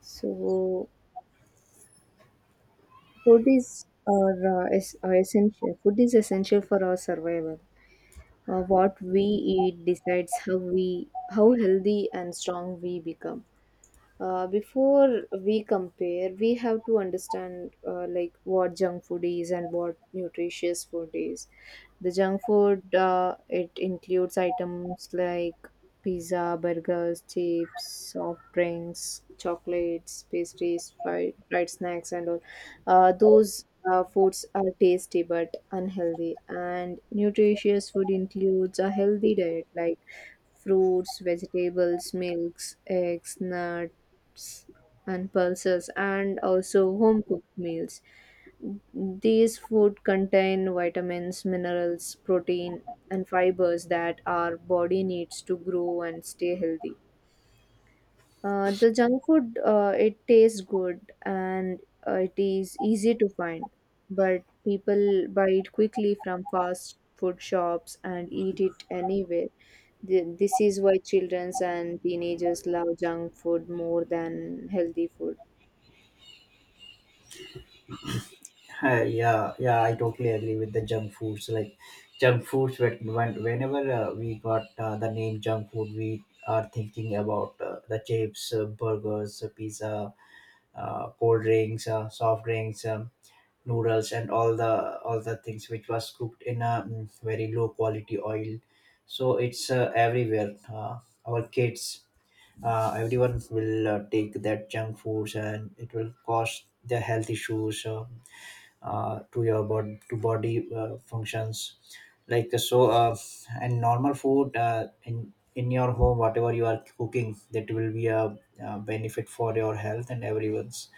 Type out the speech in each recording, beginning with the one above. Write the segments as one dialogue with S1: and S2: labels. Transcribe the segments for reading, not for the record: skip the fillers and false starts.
S1: So food is our essential. Food is essential for our survival. What we eat decides how healthy and strong we become. Before we compare we have to understand like what junk food is and what nutritious food is. The junk food, it includes items like pizza, burgers, chips, soft drinks, chocolates, pastries, fried snacks and all. Those foods are tasty but unhealthy. And nutritious food includes a healthy diet like fruits, vegetables, milks, eggs, nuts and pulses, and also home cooked meals. These food contain vitamins, minerals, protein and fibers that our body needs to grow and stay healthy. The junk food, it tastes good and it is easy to find, but people buy it quickly from fast food shops and eat it anywhere. This is why children and teenagers love junk food more than healthy food.
S2: Yeah, yeah, I totally agree with the junk foods. Like junk foods, whenever we got the name junk food, we are thinking about the chips, burgers, pizza, cold drinks, soft drinks, noodles, and all the things which was cooked in a very low quality oil. So it's everywhere. Our kids, everyone will take that junk foods, and it will cause their health issues. To your to body functions like and normal food in your home, whatever you are cooking, that will be a benefit for your health and everyone's.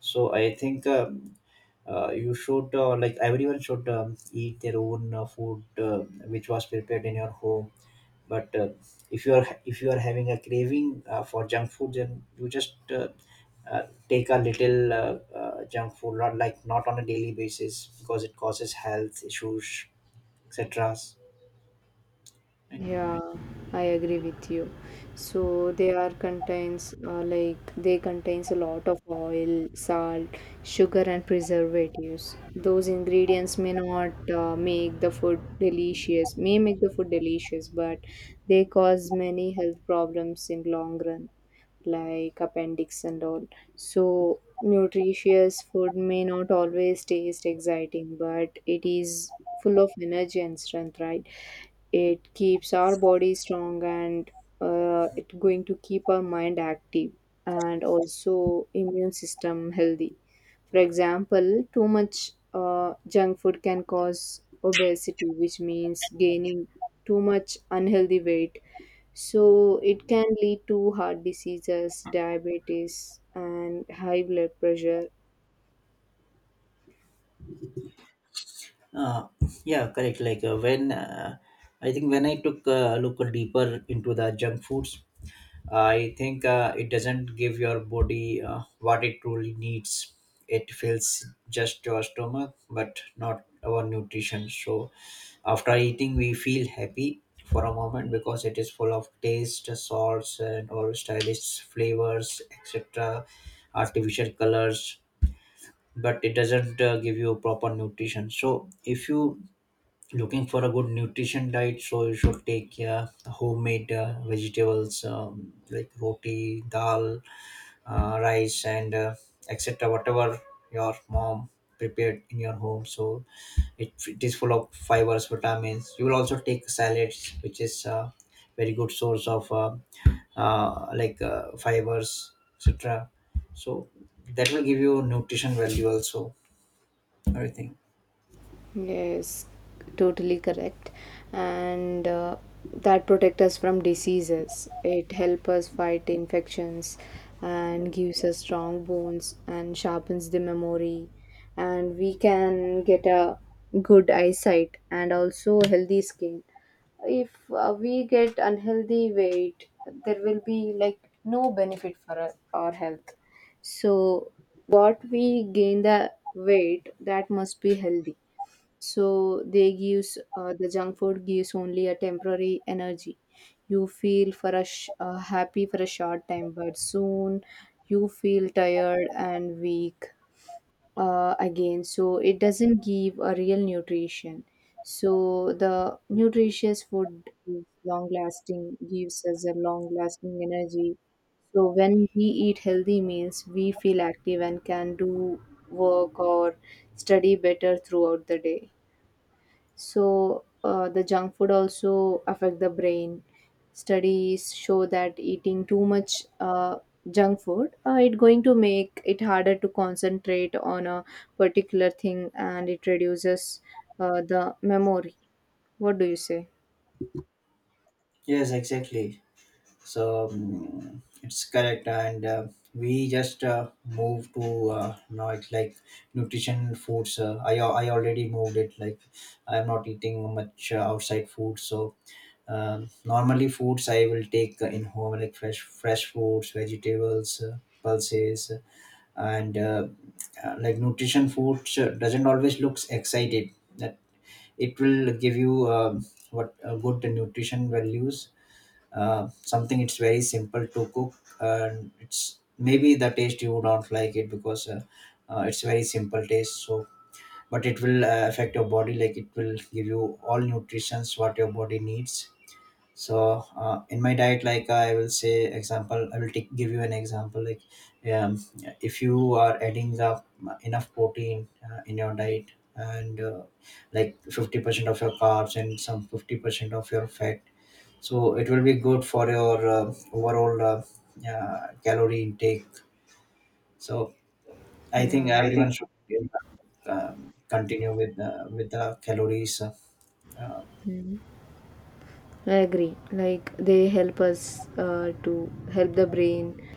S2: So I think you should like everyone should eat their own food which was prepared in your home. But if you are having a craving for junk food, then you just take a little junk food, not like not on a daily basis because it causes health issues, etc. Right.
S1: Yeah, I agree with you. So they are contains, like they contains a lot of oil, salt, sugar, and preservatives. Those ingredients may not make the food delicious, but they cause many health problems in long run, like appendix and all. So nutritious food may not always taste exciting, but it is full of energy and strength, right? It keeps our body strong, and it's going to keep our mind active and also immune system healthy. For example, too much junk food can cause obesity, which means gaining too much unhealthy weight. So it can lead to heart diseases, diabetes, and high blood pressure.
S2: Uh, yeah, correct. Like when I think when I took a look deeper into the junk foods, I think it doesn't give your body what it truly needs. It fills just your stomach, but not our nutrition. So after eating, we feel happy for a moment because it is full of taste, salts, and or stylish flavors, etc., artificial colors. But it doesn't give you proper nutrition. So if you looking for a good nutrition diet, so you should take homemade vegetables, like roti, dal, rice, and etc. Whatever your mom prepared in your home. So it is full of fibers, vitamins. You will also take salads, which is a very good source of like fibers, etc. So that will give you nutrition value also, everything.
S1: Yes, totally correct. And that protect us from diseases. It help us fight infections and gives us strong bones and sharpens the memory. And we can get a good eyesight and also healthy skin. If we get unhealthy weight, there will be like no benefit for us, our health. So what we gain, the weight, that must be healthy. So they gives, the junk food gives only a temporary energy. You feel for a happy for a short time, but soon you feel tired and weak again. So it doesn't give a real nutrition. So the nutritious food is long lasting, gives us a long lasting energy. So when we eat healthy meals, we feel active and can do work or study better throughout the day. So the junk food also affect the brain. Studies show that eating too much junk food, it going to make it harder to concentrate on a particular thing, and it reduces the memory. What do you say?
S2: Yes, exactly. So it's correct and we just move to now it's like nutrition foods. I already moved it like I'm not eating much outside food. So normally, foods I will take in home, like fresh fruits, vegetables, pulses, and like nutrition foods doesn't always looks excited. That it will give you what good nutrition values. Something it's very simple to cook, and it's maybe the taste you don't like it because it's very simple taste. So, but it will affect your body. Like it will give you all nutritions what your body needs. So in my diet, like I will say example, I will take, give you an example, like um, if you are adding up enough protein in your diet, and like 50% of your carbs and some 50% of your fat, so it will be good for your overall calorie intake. So I think
S1: Yeah. I think
S2: everyone should uh, continue with the calories. uh,
S1: I agree. Like they help us to help the brain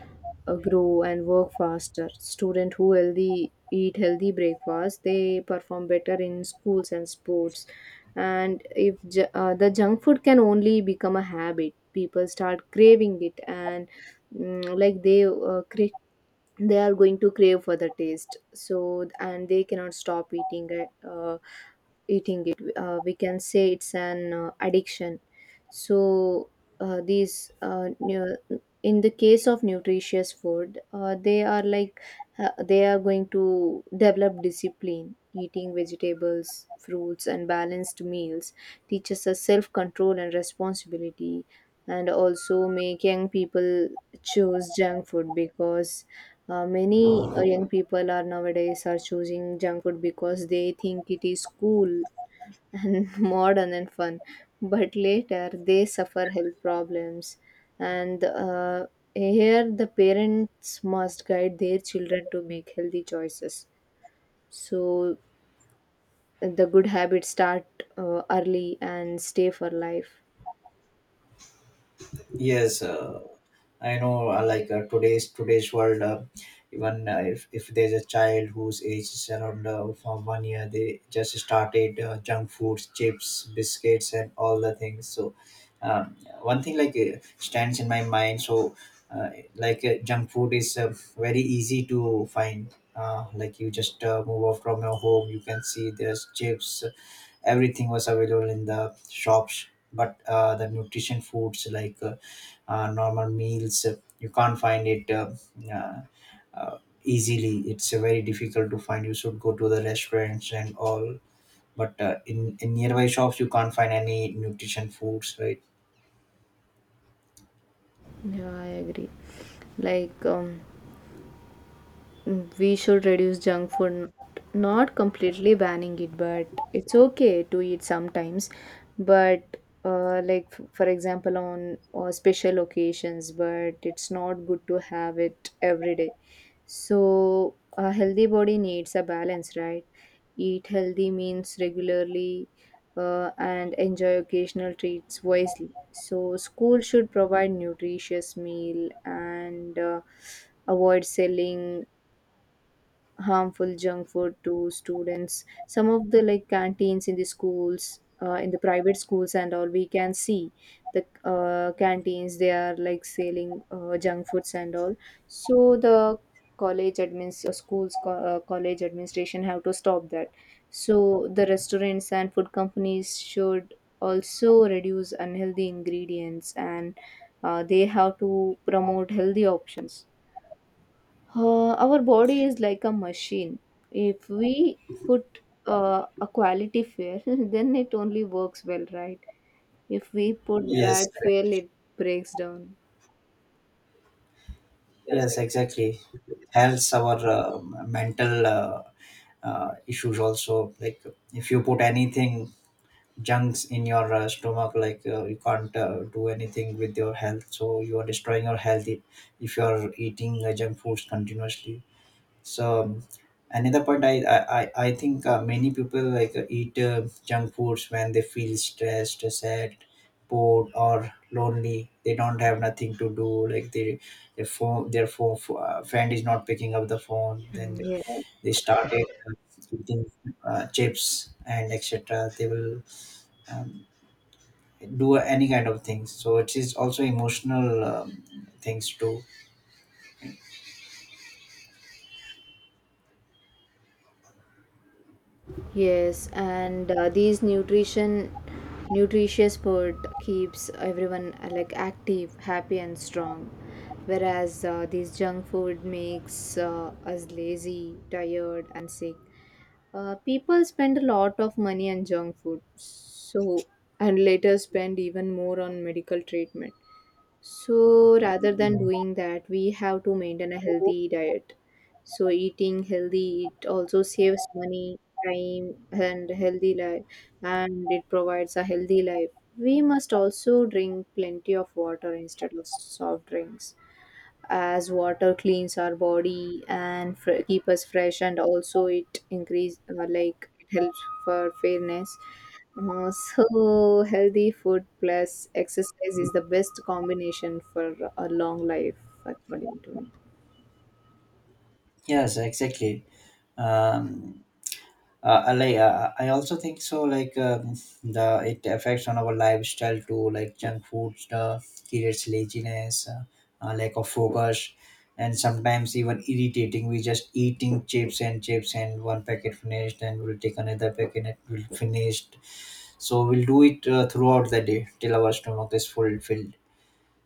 S1: grow and work faster. Student who healthy eat healthy breakfast, they perform better in schools and sports. And if the junk food can only become a habit, people start craving it, and mm, like they uh, cra- they are going to crave for the taste. So and they cannot stop eating, right? Eating it, we can say it's an addiction. So uh, these uh, nu- in the case of nutritious food, they are like, they are going to develop discipline. Eating vegetables, fruits and balanced meals teaches us self control and responsibility. And also make young people choose junk food because many young people are nowadays are choosing junk food because they think it is cool and modern and fun. But later they suffer health problems, and here the parents must guide their children to make healthy choices. So the good habits start early and stay for life.
S2: yes uh, I know, like today's world, even if there's a child whose age is around from 1 year, they just started junk foods, chips, biscuits, and all the things. So, um, one thing like stands in my mind. So, like junk food is very easy to find. Like you just move off from your home, you can see there's chips, everything was available in the shops. But the nutrition foods, like normal meals, you can't find it uh, uh, easily. It's very difficult to find. You should go to the restaurants and all. But in nearby shops, you can't find any nutrition foods, right?
S1: Yeah, I agree. Like, we should reduce junk food, not completely banning it, but it's okay to eat sometimes. But like for example on special occasions, but it's not good to have it every day. So a healthy body needs a balance, right? Eat healthy means regularly, and enjoy occasional treats wisely. So school should provide nutritious meal, and avoid selling harmful junk food to students. Some of the like canteens in the schools, in the private schools and all, we can see the canteens, they are like selling junk foods and all. So the college admins, college administration have to stop that. So the restaurants and food companies should also reduce unhealthy ingredients, and they have to promote healthy options. Our body is like a machine. If we put a quality fail, then it only works well, right? If we put, yes, bad
S2: Yes.
S1: fail, it breaks down. Yes.
S2: Yes, exactly. Helps our mental issues also. Like if you put anything junks in your stomach, like you can't do anything with your health. So you are destroying your if you are eating junk foods continuously. So another point, I think many people like eat junk foods when they feel stressed, sad, bored, or lonely. They don't have nothing to do. Like they, their phone, friend is not picking up the phone,
S1: Mm,
S2: then
S1: exactly. Yeah.
S2: they started eating chips and etc. They will um, do any kind of things. So it is also emotional, things too.
S1: Yes, and these nutrition nutritious food keeps everyone like active, happy and strong, whereas this junk food makes us lazy, tired and sick. People spend a lot of money on junk food, so and later spend even more on medical treatment. So rather than
S2: Mm,
S1: doing that, we have to maintain a healthy diet. So eating healthy it also saves money, time, and healthy life, and it provides a healthy life. We must also drink plenty of water instead of soft drinks, as water cleans our body and keep us fresh, and also it increase, like it helps for fairness. So healthy food plus exercise is the best combination for a long life, according to me.
S2: yes, exactly. um I like, I also think so. Like the it affects on our lifestyle too. Like junk food creates laziness, lack of focus, and sometimes even irritating. We just eating chips and chips, and one packet finished and we'll take another packet and it will finished. So we'll do it throughout the day till our stomach is full filled.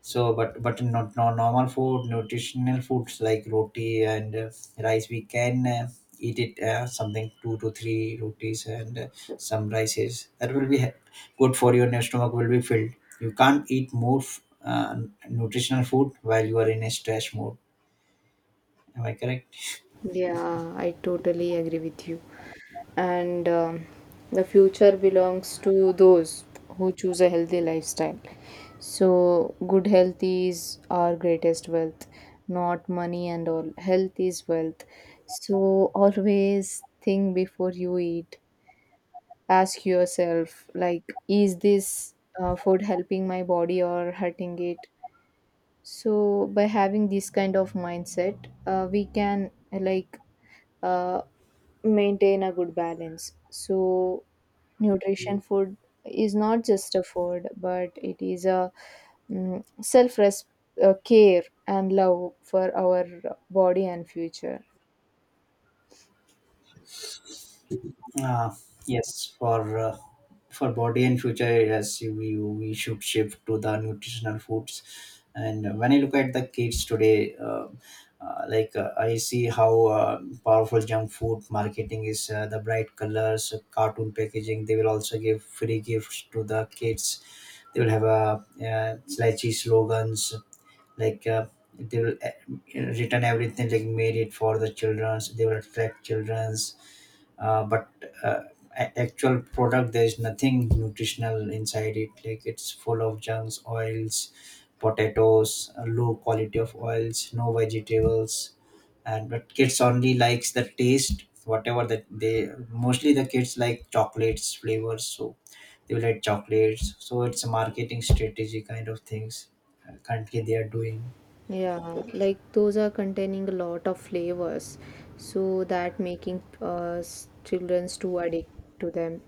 S2: So, but not normal food, nutritional foods like roti and rice, we can eat it something two to three rotis and some rices. That will be good for your. Your stomach will be filled. You can't eat more nutritional food while you are in a stress mode. Am I correct?
S1: Yeah, I totally agree with you. And the future belongs to those who choose a healthy lifestyle. So, good health is our greatest wealth, not money and all. Health is wealth. So, always think before you eat. Ask yourself, like, is this food helping my body or hurting it? So, by having this kind of mindset, we can, like, uh, maintain a good balance. So, nutrition food is not just a food, but it is a mm self res- care and love for our body and future.
S2: Uh, yes, for body and future, yes, we should shift to the nutritional foods. And when I look at the kids today, like I see how powerful junk food marketing is. The bright colors, cartoon packaging. They will also give free gifts to the kids. They will have a slouchy slogans like. They will return everything like made it for the childrens. They will attract childrens, but uh, actual product there is nothing nutritional inside it. Like it's full of junks, oils, potatoes, low quality of oils, no vegetables. And but kids only likes the taste, whatever that they, mostly the kids like chocolates flavors, so they will add chocolates. So it's a marketing strategy kind of things currently they are doing.
S1: Yeah, like those are containing a lot of flavors, so that making, children's too addict to them.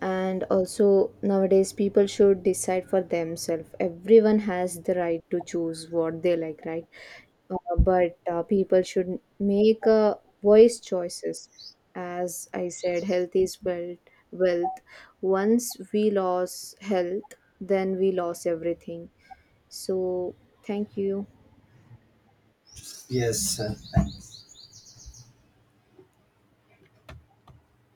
S1: And also nowadays people should decide for themselves. Everyone has the right to choose what they like, right? But people should make voice choices. As I said, health is wealth. Wealth. Once we lose health, then we lose everything. So thank you.
S2: Yes,